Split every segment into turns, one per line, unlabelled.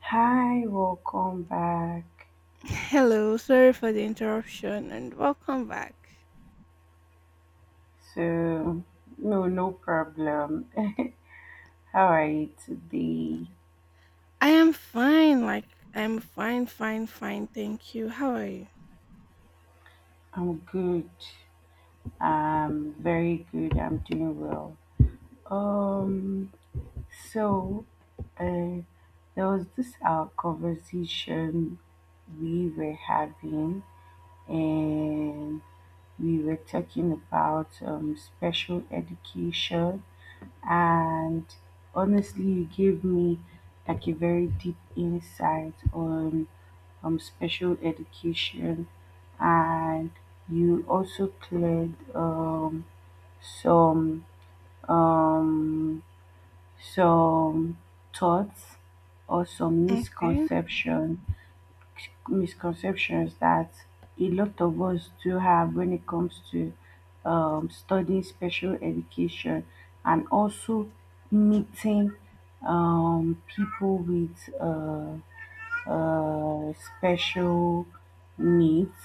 Hi, welcome back.
Hello, sorry for the interruption and welcome back.
So, no, no problem. How are you today?
I am fine, like I'm fine, fine, fine. Thank you. How are you?
I'm good. I'm very good. I'm doing well. Um, so, uh, there was this our conversation we were having, and we were talking about special education. And honestly, you gave me like a very deep insight on special education. And you also cleared some um, some thoughts or some
Okay.
misconceptions that a lot of us do have when it comes to studying special education, and also meeting people with special needs.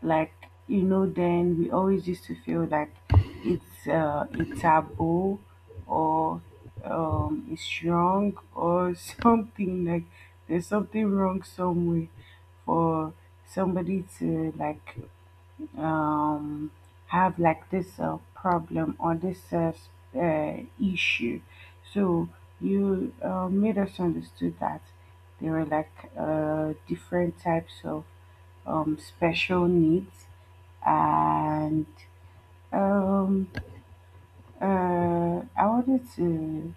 Like, then we always used to feel like it's a taboo, or it's wrong, or something like there's something wrong somewhere for somebody to like um, have like this problem or this issue. So you made us understood that there were like different types of special needs. And um, uh, I wanted to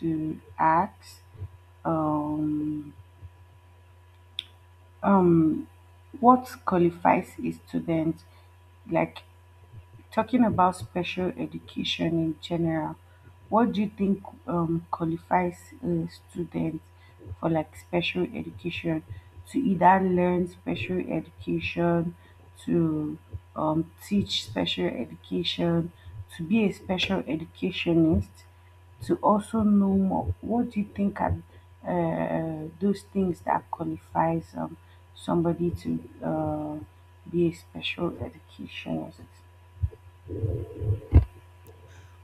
to ask um, um, what qualifies a student. Like, talking about special education in general, what do you think qualifies a student for like special education, to either learn special education, to teach special education, to be a special educationist, to also know more? What do you think are those things that qualifies somebody to be a special educationist?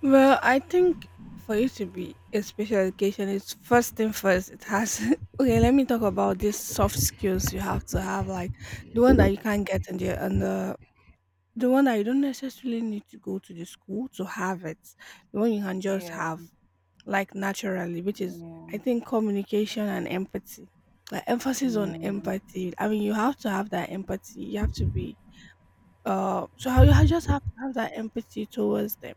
Well, I think for you to be a special education, it's first thing first. It has okay. Let me talk about these soft skills you have to have, like the one that you can't get in the the one that you don't necessarily need to go to the school to have it. The one you can just
Yeah,
have, like naturally, which is, I
yeah,
think, communication and empathy. Like emphasis on
yeah,
empathy. I mean, you have to have that empathy. You have to be, just have to have that empathy towards them.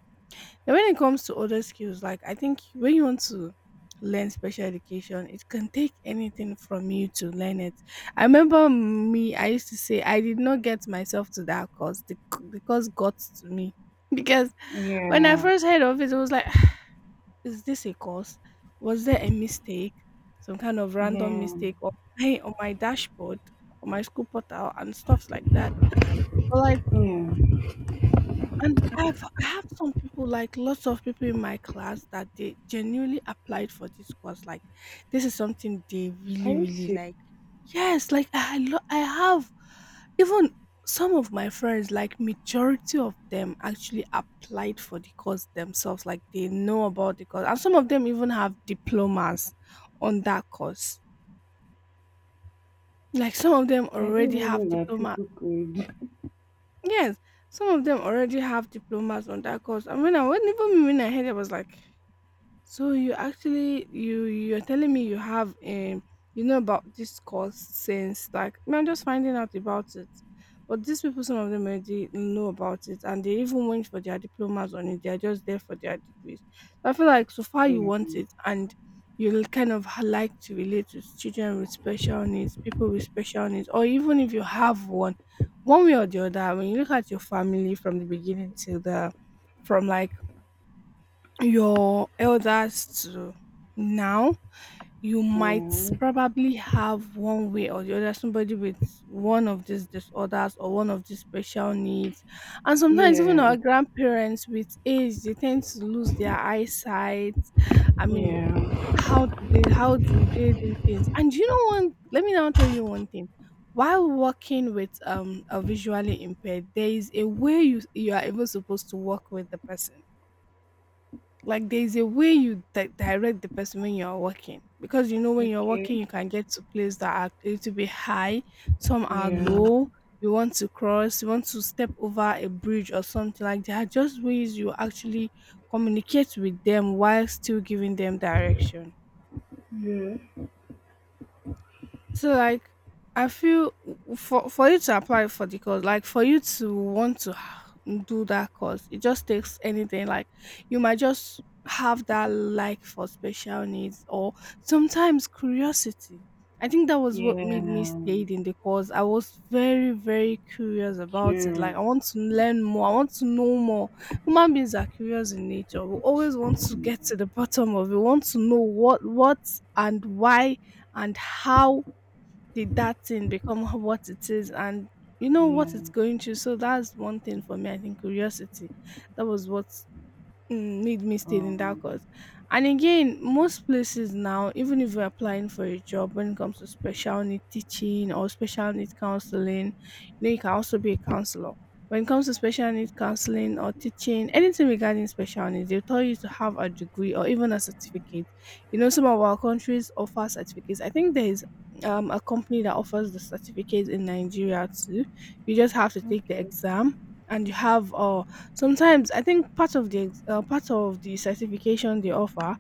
And when it comes to other skills, like I think when you want to learn special education, it can take anything from you to learn it. I remember me, I used to say I did not get myself to that course. The course got to me because when I
yeah,
first heard of it, it was like, is this a course? Was there a mistake? Some kind of random
yeah,
mistake on my dashboard, on my school portal and stuffs like that. Well, I
yeah.
and I have some people, like lots of people in my class that they genuinely applied for this course. Like this is something they
I
really,
used
really
to.
like. Yes, like I have even some of my friends, like majority of them actually applied for the course themselves. Like they know about the course. And some of them even have diplomas on that course. Like some of them
I
already
didn't
have
even know that
diploma.
people could.
Yes, some of them already have diplomas on that course. I mean, I wasn't even, when I heard it I was like, so you actually you're telling me you have you know about this course since, like, I mean, I'm just finding out about it. But these people, some of them already know about it and they even went for their diplomas on it. They are just there for their degrees. So, I feel like so far you want it and you like to relate to children with special needs, people with special needs, or even if you have one, one way or the other, when you look at your family from the beginning till the, from like your elders to now, you might
Um,
probably have one way or the other somebody with one of these disorders or one of these special needs. And sometimes
yeah,
even our
yeah,
grandparents with age, they tend to lose their eyesight, I mean,
yeah.
how do they, how do they do things? And you know, one, let me now tell you one thing, while working with a visually impaired, there is a way you are even supposed to work with the person. Like there's a way you direct the person when you're walking, because you know, when you're walking
Okay,
you can get to places that are a little bit high, some are
yeah,
low. You want to cross, you want to step over a bridge or something like that. Just ways you actually communicate with them while still giving them direction.
yeah,
So like I feel, for you to apply for the course, like for you to want to do that course, it just takes anything. Like you might just have that like for special needs or sometimes curiosity. I think that was what made me
yeah.
stayed in the course. I was very, very curious about it. Like
Cheers.
I want to learn more. I want to know more. Human beings are curious in nature. We always want to
Yeah,
get to the bottom of it. We want to know what, and why, and how did that thing become what it is, and you know
yeah.
what it's going to. So that's one thing for me. I think curiosity, that was what made me stay in that
Um.
course. And again, most places now, even if you're applying for a job when it comes to special need teaching or special need counseling, you know, you can also be a counselor. When it comes to special need counseling or teaching, anything regarding special needs, they'll tell you to have a degree or even a certificate. You know, some of our countries offer certificates. I think there is a company that offers the certificate in Nigeria too. You just have to take the
Okay.
exam, and you have sometimes, I think, part of the part of the certification they offer,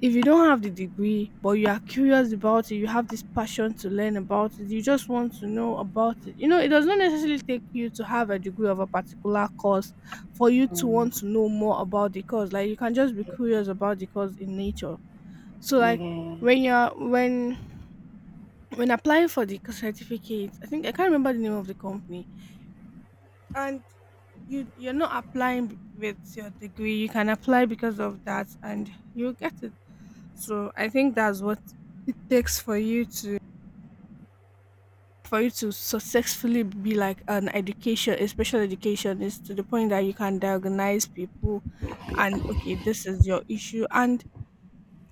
if you don't have the degree but you are curious about it, you have this passion to learn about it, you just want to know about it. You know, it does not necessarily take you to have a degree of a particular course for you to want to
Um,
know more about the course. Like you can just be curious about the course in nature. So like, when you're when applying for the certificate, I think, I can't remember the name of the company, and you, you're not applying with your degree, you can apply because of that and you'll get it. So I think that's what it takes for you to, for you to successfully be like an education, a special education, is to the point that you can diagnose people and, okay, this is your issue, and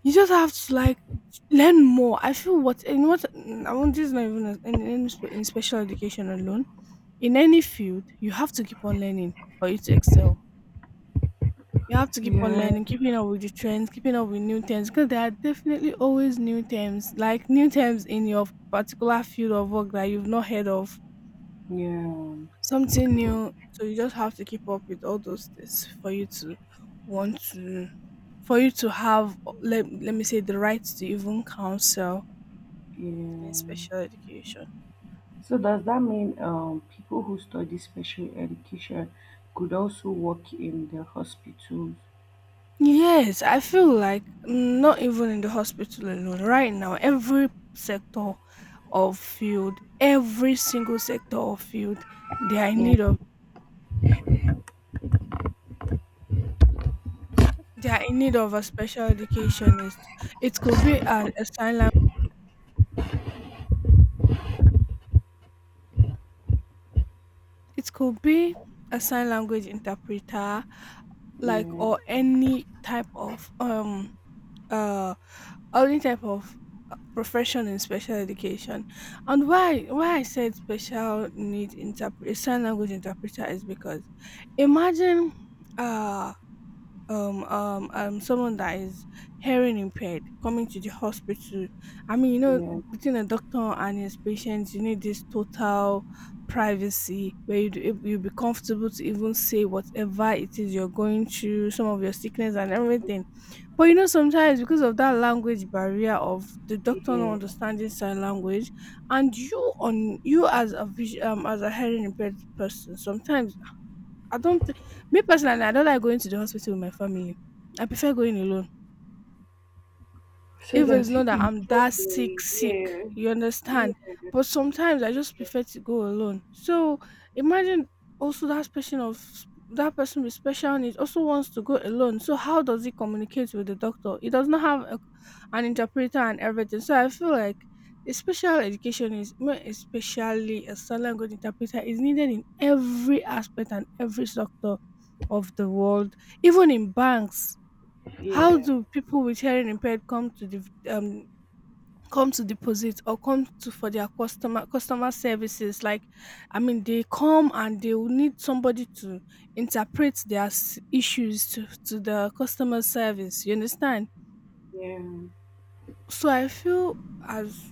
you just have to like learn more. I feel what, in what I want, this is not even in special education alone, in any field you have to keep on learning for you to excel. You have to keep on
yeah,
learning,
yeah,
keeping up with the trends, keeping up with new terms, because there are definitely always new terms, like new terms in your particular field of work that you've not heard of,
yeah,
something new. So you just have to keep up with all those things for you to want to, for you to have, let, let me say, the right to even counsel in
yeah.
special education.
So does that mean people who study special education could also work in the hospitals?
Yes, I feel like not even in the hospital alone. Right now, every sector of field, every single sector of field, they are in
Yeah,
need of they are in need of a special educationist. It could be a sign language. It could be a sign language interpreter, like,
yeah,
or uh any type of profession in special education. And why I said special need interpret, sign language interpreter, is because imagine, uh someone that is hearing impaired coming to the hospital, I mean, you know,
yeah,
between a doctor and his patients, you need this total privacy where you you be comfortable to even say whatever it is you're going through, some of your sickness and everything. But you know, sometimes because of that language barrier of the doctor not
yeah.
understanding sign language, and you on, you as a vision as a hearing impaired person, sometimes I don't. Me personally, I don't like going to the hospital with my family. I prefer going alone.
So
If it's
that
not
it
that
it
I'm that
just
sick,
like,
sick,
yeah,
you understand?
yeah,
But
you
sometimes I
see,
just
yeah,
prefer to go alone. So imagine also that person of, that person with special needs also wants to go alone. So how does he communicate with the doctor? He does not have a, an interpreter and everything. So I feel like a special education is more, especially a sign language interpreter, is needed in every aspect and every sector of the world, even in banks. How
yeah,
do people with hearing impaired come to the come to deposit or come to for their customer services? Like, I mean, they come and they will need somebody to interpret their issues to the customer service. You understand?
yeah,
So I feel as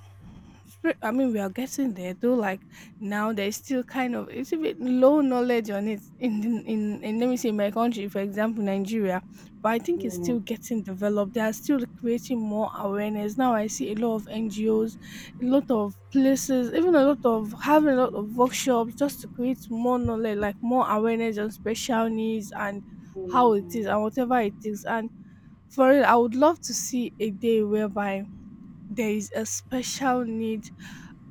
we are getting there though, like now there's still kind of it's a bit low knowledge on it in let me say my country, for example Nigeria. But I think it's
yeah,
still getting developed, they are still creating more awareness. Now I see a lot of NGOs, a lot of places, even a lot of having a lot of workshops just to create more knowledge, like more awareness on special needs and how it is and whatever it is. And for it, I would love to see a day whereby there is a special need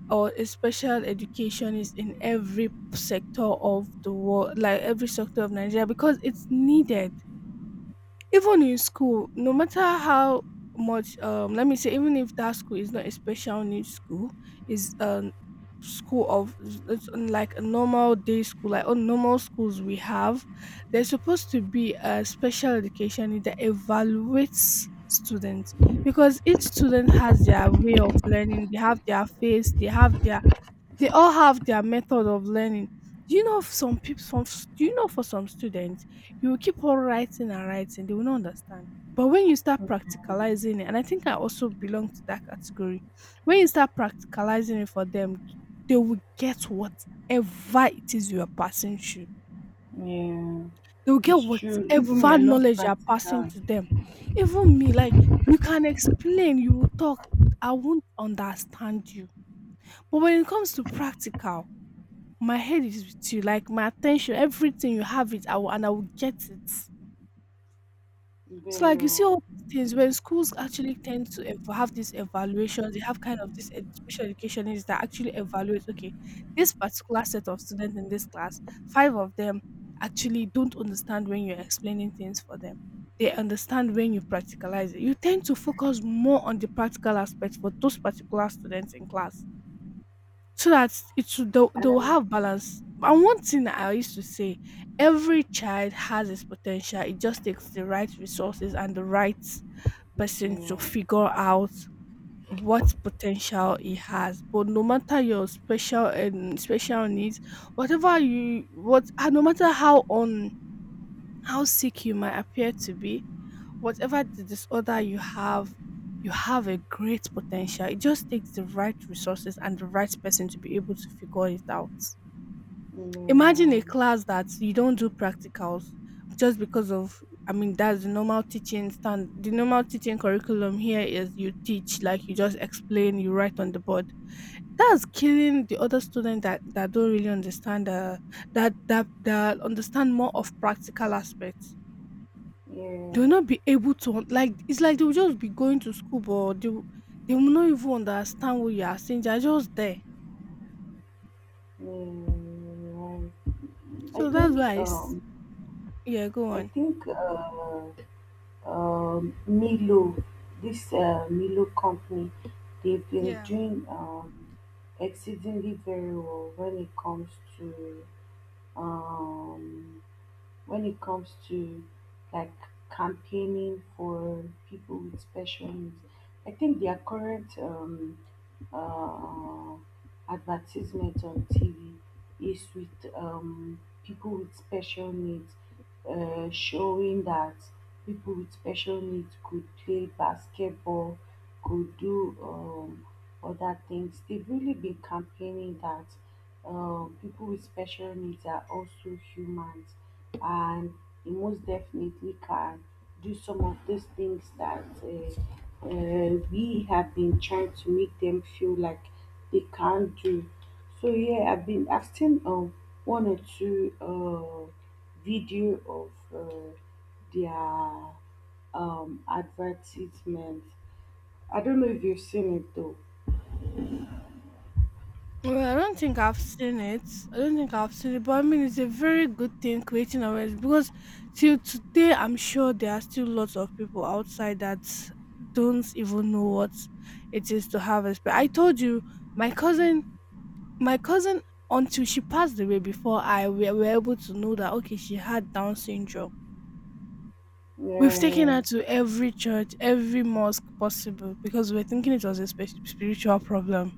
or a special education is in every sector of the world, like every sector of Nigeria, because it's needed. Even in school, no matter how much let me say, even if that school is not a special needs school, is school of it's like a normal day school, like all normal schools we have, there's supposed to be a special education that evaluates students. Because each student has their way of learning, they have their face, they have their they all have their method of learning. Do you know some people do you know, for some students, you will keep on writing and writing, they will not understand. But when you start
yeah,
practicalizing it, and I think I also belong to that category, when you start practicalizing it for them, they will get whatever it is you are passing through.
yeah.
They will get
It's true. Even me,
whatever
I love
knowledge you are passing
practical
to them. Even me, like you can explain, you will talk, I won't understand you. But when it comes to practical, my head is with you, like my attention, everything you have it, I will, and I will get it. So like
very
you see all
well.
these things when schools actually tend to have these evaluations, they have kind of this special educationists that actually evaluate. Okay, this particular set of students in this class, five of them actually don't understand when you're explaining things for them. They understand when you practicalize it. You tend to focus more on the practical aspect for those particular students in class so that it will they'll
And
have balance. And one thing that I used to say, every child has its potential. It just takes the right resources and the right person to
yeah,
figure out what potential he has. But no matter your special and special needs, whatever you what no matter how on how sick you might appear to be, whatever the disorder you have a great potential. It just takes the right resources and the right person to be able to figure it out.
yeah,
Imagine a
yeah,
class that you don't do practicals just because of I mean that's the normal teaching stand the normal teaching curriculum here is you teach like you just explain, you write on the board. That's killing the other students that don't really understand that understand more of practical aspects.
yeah,
They will not be able to like it's like they will just be going to school, but they will not even understand what you are saying, they're just there.
yeah, yeah, yeah. I
So that's
think
why
um,
yeah, go
I
on.
think uh, uh, Milo, this Milo company, they've been
Yeah,
doing exceedingly very well to um, when it comes to like campaigning for people with special needs. I think their current uh, advertisement on TV is with people with special needs, showing that people with special needs could play basketball, could do other things. They've really been campaigning that people with special needs are also humans, and they most definitely can do some of those things that we have been trying to make them feel like they can't do. So yeah, I've seen one or two video of their advertisements. I don't know if you've seen it though.
well, I don't think I've seen it, but I mean it's a very good thing creating awareness, because till today I'm sure there are still lots of people outside that don't even know what it is to have a sperm. I told you, my cousin My cousin, until she passed away before I we were able to know that okay, she had Down syndrome. We've taken
Yeah,
her to every church, every mosque possible because we were thinking it was a spiritual problem.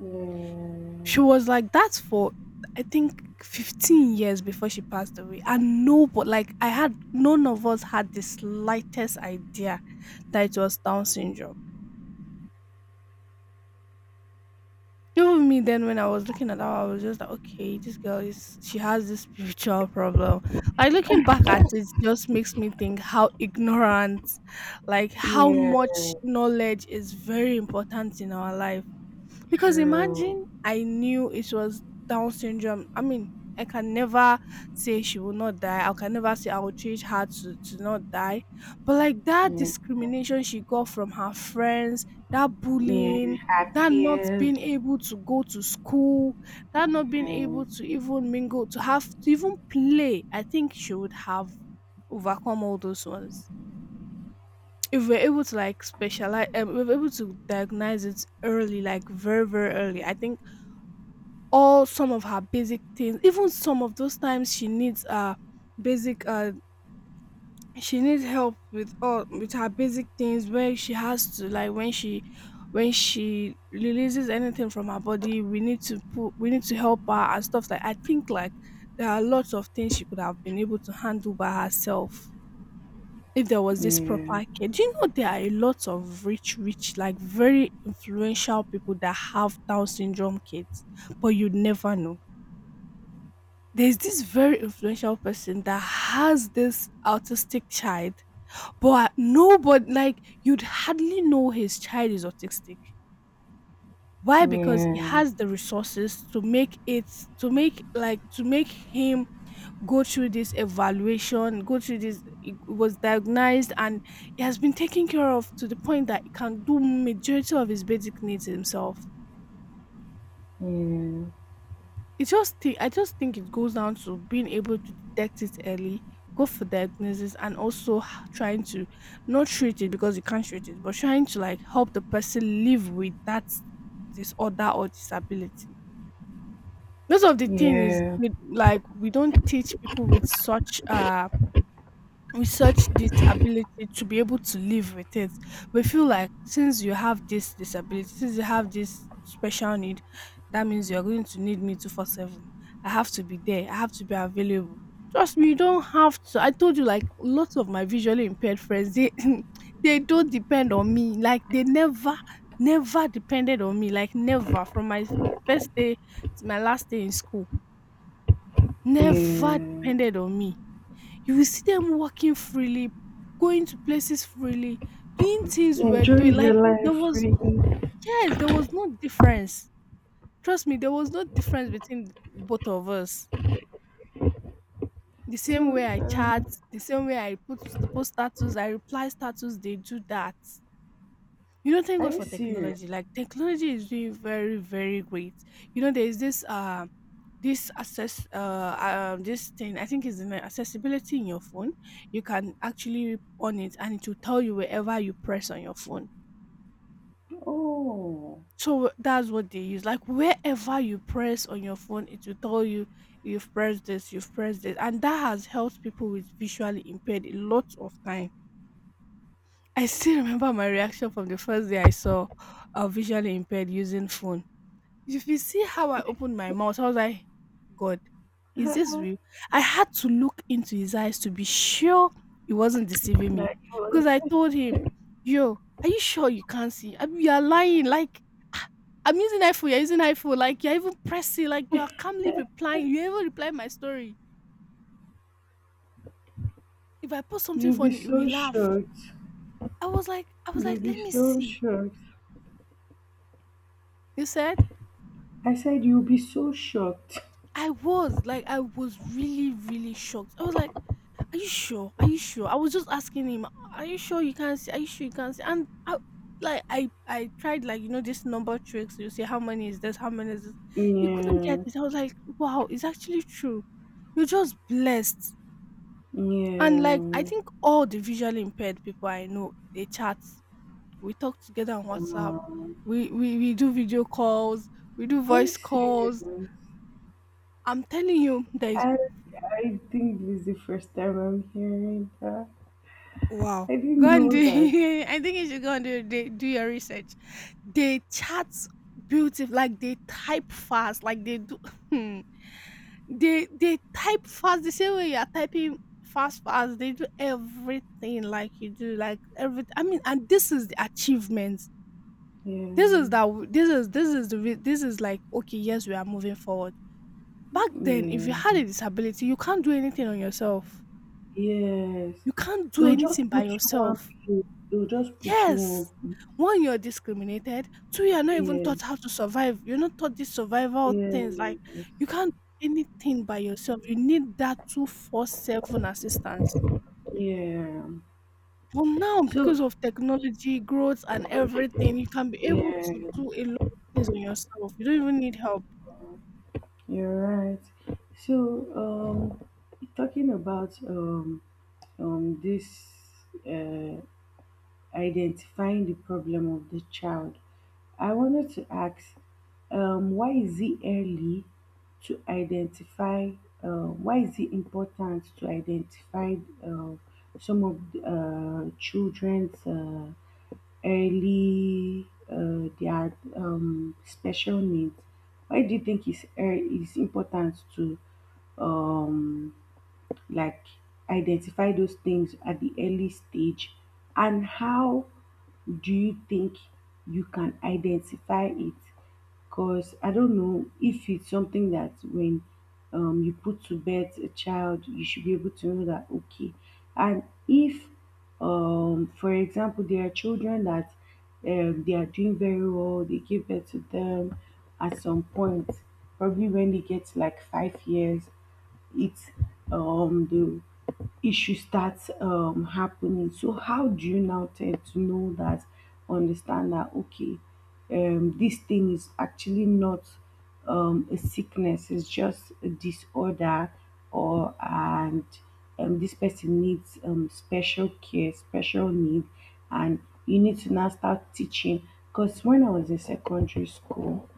yeah,
She was like that for I think 15 years before she passed away. And no, but like I had none of us had the slightest idea that it was Down syndrome. Even me then when I was looking at her, I was just like, okay, this girl is she has this spiritual problem. Like looking back at it just makes me think how ignorant, like how
yeah,
much knowledge is very important in our life. Because
true.
imagine I knew it was Down syndrome. I mean, I can never say she will not die. I can never say I will treat her to not die. But like that
Yeah,
discrimination she got from her friends, that
yeah,
bullying, that not being
happiest.
able to go to school, that not being
Yeah,
able to even mingle, to have to even play, I think she would have overcome all those ones. If we're able to like specialize, if we're able to diagnose it early, like very, very early, I think all some of her basic things, even some of those times she needs basic she needs help with all with her basic things, where she has to like when she releases anything from her body, we need to put we need to help her and stuff like I think like there are lots of things she could have been able to handle by herself if there was this
yeah,
proper care. Do you know there are a lot of rich like very influential people that have Down syndrome kids, but you'd never know. There's this very influential person that has this autistic child, but nobody, like, you'd hardly know his child is autistic. Why? Because he
yeah,
has the resources to make it, to make, like, to make him go through this evaluation, go through this, he was diagnosed and he has been taken care of to the point that he can do majority of his basic needs himself.
yeah,
It just thi I just think it goes down to being able to detect it early, go for diagnosis, and also h trying to not treat it because you can't treat it, but trying to, like, help the person live with that disorder or disability. Most of the thing is
yeah,
with like, we don't teach people with such, we search this ability to be able to live with it. We feel like since you have this disability, since you have this special need, that means you're going to need me 24/7. I have to be there, I have to be available. Trust me, you don't have to. I told you, like lots of my visually impaired friends, they they don't depend on me. Like they never, never depended on me. Like never from my first day to my last day in school, never
yeah.
depended on me. You will see them walking freely, going to places freely, doing things we're
Enjoy
doing.
your
Like
life,
there was
Freddie.
yes, there was no difference. Trust me, there was no difference between both of us. The same
So,
way I chat, the same way I put the post status, I reply status, they do that. You know, thank
are
God
you
for
serious?
technology. Like technology is doing very, very great. You know, there is this this access, this thing, I think is in the accessibility in your phone. You can actually on it, and it will tell you wherever you press on your phone.
Oh,
So that's what they use. Like wherever you press on your phone, it will tell you you've pressed this, and that has helped people with visually impaired a lot of time. I still remember my reaction from the first day I saw a visually impaired using phone. If you see how I opened my mouth, I was like, God, is this real? I had to look into his eyes to be sure he wasn't deceiving me.
like you'll,
Because I told him, yo, are you sure you can't see? I mean, you're lying. Like, I'm using iPhone, you're using iPhone. Like, you're even pressing, like, you're calmly replying. You even reply my story. If I post something
you'll be
funny, you will
so
laugh.
shocked.
I was like,
You'll
let
be
me
so
see.
shocked.
You said,
I said you'll be so shocked.
I was like, I was really, really shocked. I was like, are you sure? Are you sure? I was just asking him, are you sure you can't see? Are you sure you can't see? And I like I tried like you know this number tricks. You say how many is this? How many is this? He couldn't get
Yeah,
it. I was like, wow, it's actually true. You're just blessed. And like I
yeah.
think all the visually impaired people I know, they chat. We talk together on WhatsApp.
Um,
We do video calls. We do
Are you
voice
serious?
calls. I'm telling you, there is
I I think this is the first time I'm hearing that.
wow.
I
Go
didn't
and do
know that.
I think you should go and do your research. They chat beautiful, like they type fast, like they do hmm. They type fast the same way you are typing fast. They do everything like you do, like every I mean, and this is the achievements. This is
Yeah,
this is the re- this is like okay, yes, we are moving forward. Back then, if
yeah,
you had a disability, you can't do anything on yourself.
yes.
You can't do
They'll just
anything by
put you on
yourself.
place. They'll just put you
Yes.
on.
One, you're discriminated. Two, you're not even
Yeah,
taught how to survive. You're not taught these survival
yes,
things. Like you can't do anything by yourself. You need that 24/7 assistance.
yeah.
But now,
So
because of technology, growth, and everything, you can be able to
yeah,
do a lot of things on yourself. You don't even need help.
you're right. So um, talking about this uh identifying the problem of the child, I wanted to ask, um, why is it early to identify, why is it important to identify uh, some of the, children's their special needs? Why do you think it's important to um, like identify those things at the early stage, and how do you think you can identify it? Because I don't know if it's something that when you put to bed a child, you should be able to know that, okay. And if, for example, there are children that they are doing very well, they give birth to them at some point, probably when they get to like 5 years, it's the issue starts happening. So how do you now tend to know that, understand that, okay, this thing is actually not a sickness, it's just a disorder. Or and this person needs special care, special need. And you need to now start teaching, because when I was in secondary school,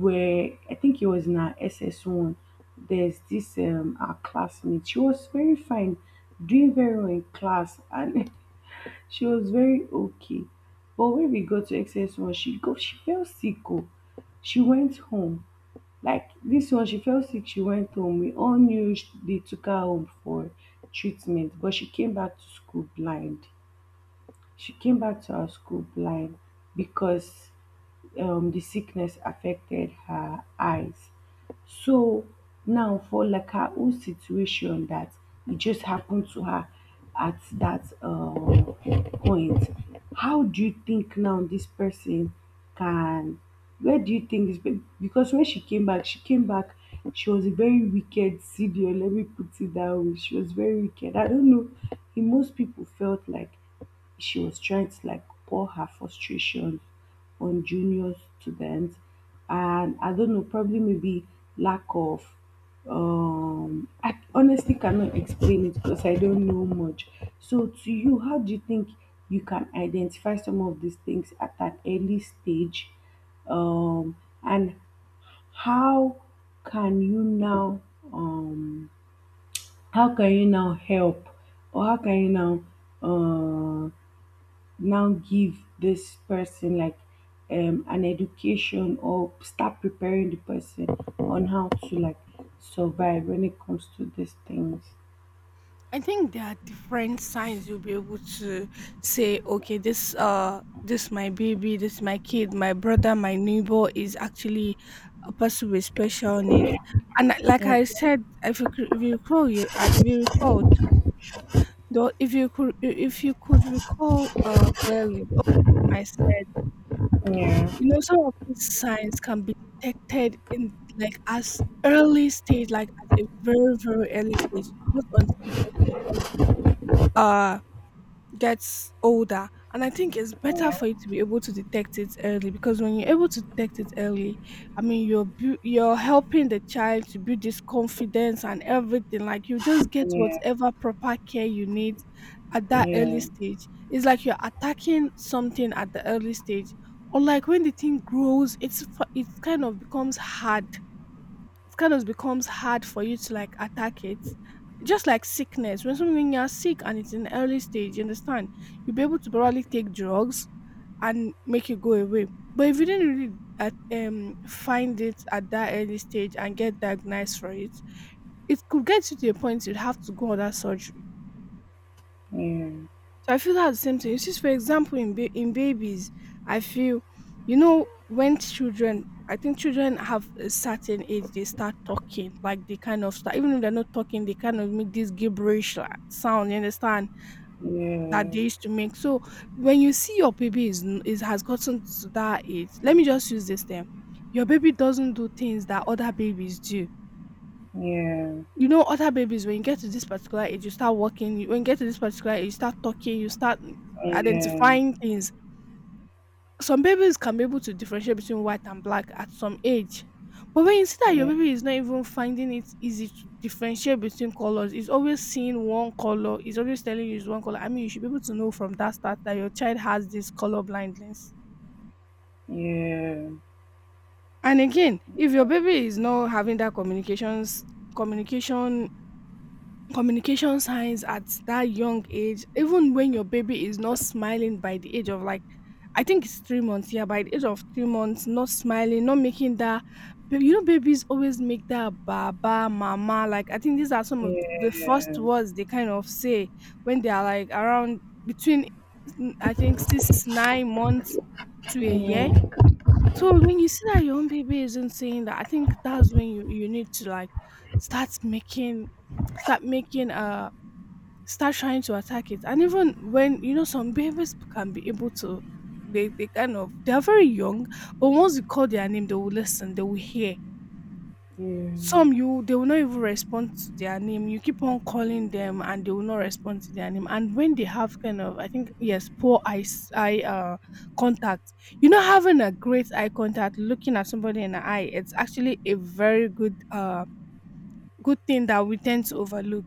where I think it was in our SS1, there's this our classmate. She was very fine, doing very well in class, and she was very okay. But when we got to SS1, she fell sick. Oh. She went home. Like this one, she fell sick, she went home. We all knew, they took her home for treatment, but she came back to school blind. She came back to our school blind because the sickness affected her eyes. So now, for like her own situation that it just happened to her at that point, how do you think now this person can? Where do you think this? Because when she came back. She was a very wicked CDO. Let me put it that way. She was very wicked. I don't know. In most people felt like she was trying to like pour her frustrations on junior students, and I don't know, probably maybe lack of, I honestly cannot explain it because I don't know much. So to you, how do you think you can identify some of these things at an early stage? Um and how can you now um how can you now help, or how can you uh now give this person like an education, or start preparing the person on how to like survive when it comes to these things.
I think there are different signs you'll be able to say, okay, this my baby, this my kid, my brother, my neighbor is actually a person with special needs. And like I
Okay,
said, if you recall, though, if you could recall clearly, the other time I said, you know, some of these signs can be detected in like as early stage, like at a very, very early stage, not until the person uh gets older. And I think it's better for you to be able to detect it early, because when you're able to detect it early, I mean, you're helping the child to build this confidence and everything, like you just get
yeah,
whatever proper care you need at that
yeah,
early stage. It's like you're attacking something at the early stage, or like when the thing grows, it kind of becomes hard, for you to like attack it. Just like sickness, when something you're sick and it's in the early stage, you understand, you'll be able to probably take drugs and make it go away. But if you didn't really find it at that early stage and get diagnosed for it, it could get you to a point you'd have to go under surgery.
yeah,
So I feel that's the same thing. You see, for example, in babies, I feel, when children, I think children have a certain age, they start talking, like they kind of start, even if they're not talking, they kind of make this gibberish like, sound. You understand
yeah,
that
yeah,
they used to make. So when you see your baby is n- is has gotten to that age, let me just use this term. Your baby doesn't do things that other babies do,
yeah, yeah,
you know, other babies, when you get to this particular age, you start walking, when you get to this particular age, you start talking, you start
yeah, yeah, yeah,
identifying things. Some babies can be able to differentiate between white and black at some age. But when you see that your baby is not even finding it easy to differentiate between colors, is always seeing one color, is always telling you it's one color, I mean, you should be able to know from that start that your child has this color blindness.
yeah, yeah,
And again, if your baby is not having that communication communication signs at that young age, even when your baby is not smiling by the age of, like, I think it's 3 months. Yeah, by the age of 3 months, not smiling, not making that. You know, babies always make that baba, mama. Like, I think these are some of the first words they kind of say when they are like around between, I think, six, 9 months to a year. So when you see that your own baby isn't saying that, I think that's when you need to like start making start making uh start trying to attack it. And even when, you know, some babies can be able to, they kind of, they are very young, but once you call their name, they will listen, they will hear.
yeah. Yeah, yeah,
Some, you they will not even respond to their name. You keep on calling them and they will not respond to their name. And when they have kind of, I think, yes, poor eye s- eye contact. You know, having a great eye contact, looking at somebody in the eye, it's actually a very good thing that we tend to overlook.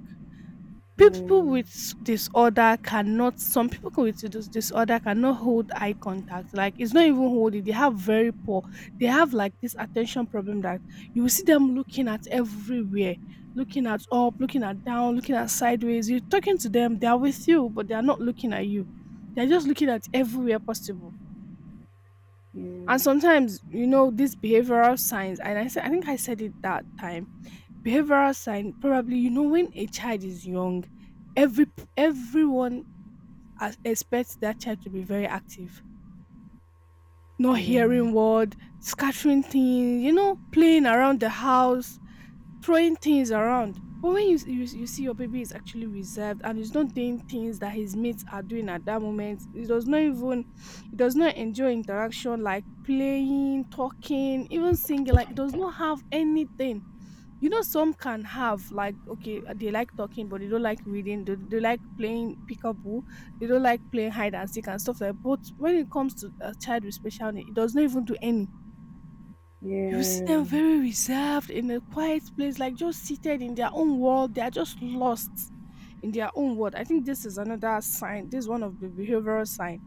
yeah,
People
yeah,
with disorder cannot, some people with disorder cannot hold eye contact, like it's not even holding, they have very poor, they have like this attention problem, that you will see them looking at everywhere, looking at up, looking at down, looking at sideways, you're talking to them, they are with you, but they are not looking at you, they're just looking at everywhere possible. And sometimes, you know, these behavioral signs, and I think I said it that time, behavioral sign, probably, when a child is young, everyone expects that child to be very active, not hearing word, scattering things, you know, playing around the house, throwing things around. But when you see your baby is actually reserved and is not doing things that his mates are doing at that moment, he does not enjoy interaction, like playing, talking, even singing, like he does not have anything. You know, some can have like, okay, they like talking but they don't like reading, they like playing peekaboo, they don't like playing hide and seek and stuff, like, but when it comes to a child with special need, it does not even do any. You see them very reserved in a quiet place, like just seated in their own world, they are just lost in their own world. I think this is another sign, this is one of the behavioral sign.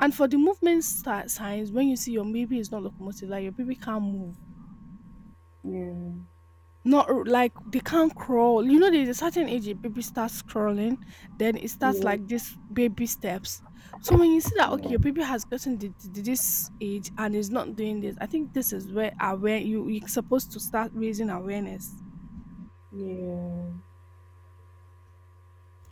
And for the movement signs, when you see your baby is not locomotive, like your baby can't move. Not r- Like they can't crawl. You know, there's a certain age a baby starts crawling, then it starts like this baby steps. So when you see that, okay, your baby has gotten to this age and is not doing this, I think this is where aware you're supposed to start raising awareness.
yeah,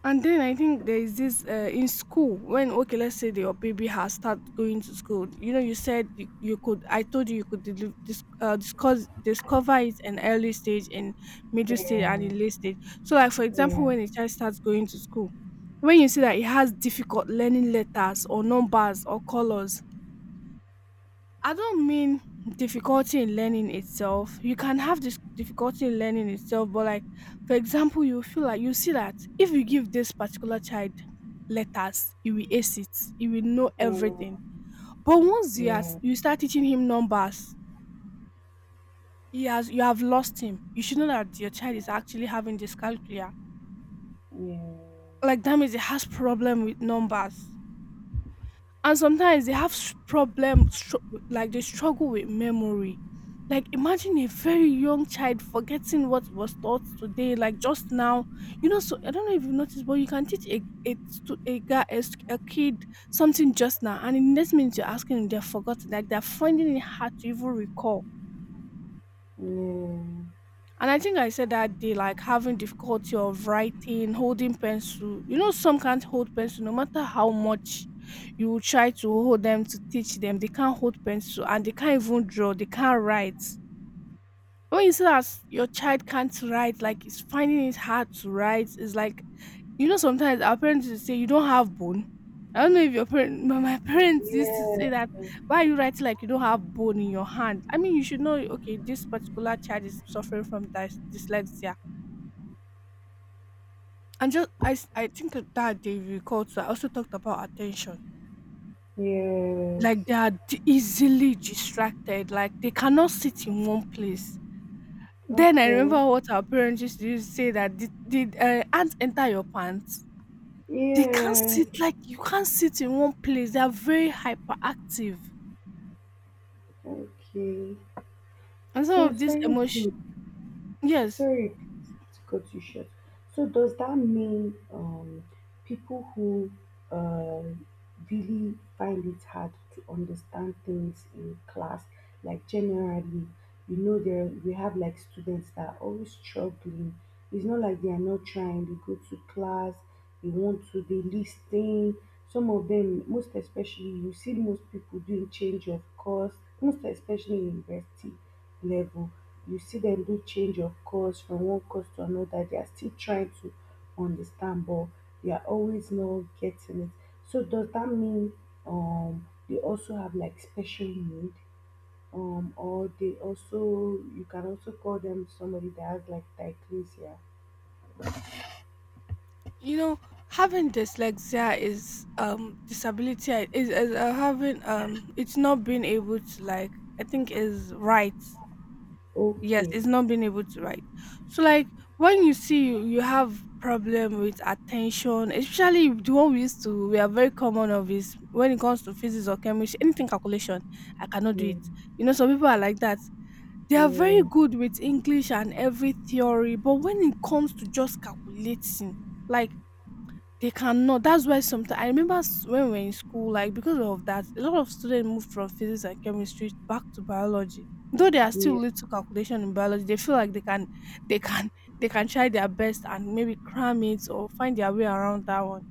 And then I think there is this in school, when, okay, let's say that your baby has started going to school. You know, you said you could. I told you you could deli- dis- discuss discover it in early stage, in middle
yeah,
stage,
yeah,
and in late stage. So, like, for example,
yeah,
when a child starts going to school, when you see that it has difficult learning letters or numbers or colors, I don't mean difficulty in learning itself. You can have this difficulty in learning itself, but, like, for example, you feel like you see that if you give this particular child letters, he will ace it. He will know
yeah,
everything. But once
yeah,
you start teaching him numbers, he has you have lost him. You should know that your child is actually having dyscalculia.
yeah,
Like that means he has problem with numbers. And sometimes they problem like they struggle with memory, like imagine a very young child forgetting what was taught today, like just now. You know, so I don't know if you noticed, but you can teach a, stu- a, guy, a st- a kid something just now, and in the next minute you're asking them, they've forgotten, like they're finding it hard to even recall.
yeah,
And I think I said that day, like having difficulty of writing, holding pencil. You know, some can't hold pencil no matter how much you try to hold them to teach them. They can't hold pencil and they can't even draw. They can't write. When you see that your child can't write, like it's finding it hard to write, it's like, you know, sometimes our parents will say you don't have bone. I don't know if your parent my parents used to say
yeah,
that, why are you writing like you don't have bone in your hand? I mean, you should know, okay, this particular child is suffering from dyslexia. And just I think that they recall. So I also talked about attention.
yes.
Like they are easily distracted, like they cannot sit in one place. Then I
Okay,
remember what our parents used to use say, that did ants enter your pants? They can't
yes,
sit, like you can't sit in one place. They are very hyperactive.
okay.
And some
So
of this
sorry
emotion.
to
Yes,
sorry to cut you short. So does that mean people who um really find it hard to understand things in class, like generally, there we have like students that are always struggling. It's not like they are not trying. They go to class, they want to, they listen. Some of them, most especially, you see most people doing change of course, most especially university level, you see them do change of course from one course to another. They are still trying to understand, but they are always not getting it. So does that mean they also have like special need? Or they also you can also call them somebody that has like dysclasia.
you know, having dyslexia is disability is, having it's not being able to, like, I think is right. Yes,
Okay.
it's not being able to write. So, like, when you see you have problem with attention, especially the one we used to we are very common of, is when it comes to physics or chemistry, anything calculation, I cannot do
Yeah,
it. You know, some people are like that. They are very
yeah,
good with English and every theory, but when it comes to just calculating, like they cannot. That's why sometimes I remember when we were in school, like because of that, a lot of students moved from physics and chemistry back to biology. Though they are still
yeah,
little calculation in biology, they feel like they can, they can, they can try their best and maybe cram it or find their way around that one.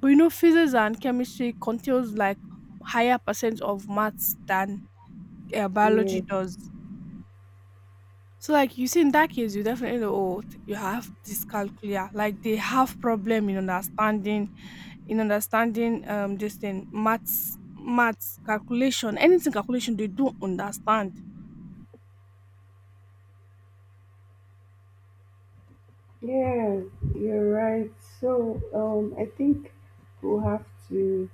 But you know, physics and chemistry contains like higher percent of maths than
yeah,
biology does. So, like, you see in that case, you definitely know, oh, you have dyscalculia. Like they have problem in understanding, this thing, maths calculation, anything calculation, they don't understand.
yeah, you're right. So, I think we'll have to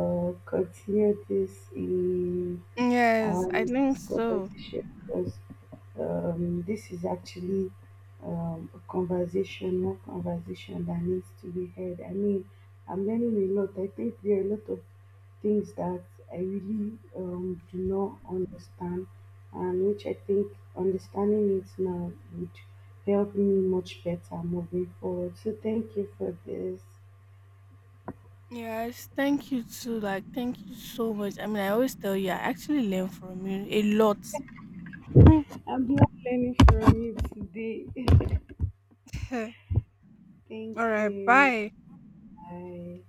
continue this in
Yes, I
and
think so.
scholarship, because this is actually more conversation that needs to be had. I mean, I'm learning a lot. I think there are a lot of things that I really do not understand, and which I think understanding it now would help me much better moving forward. So, thank you for this.
Yes, thank you too, like, thank you so much. I mean, I always tell you, I actually learn from you a lot.
I'm glad learning from you today. Thank
All right,
you.
bye.
Bye.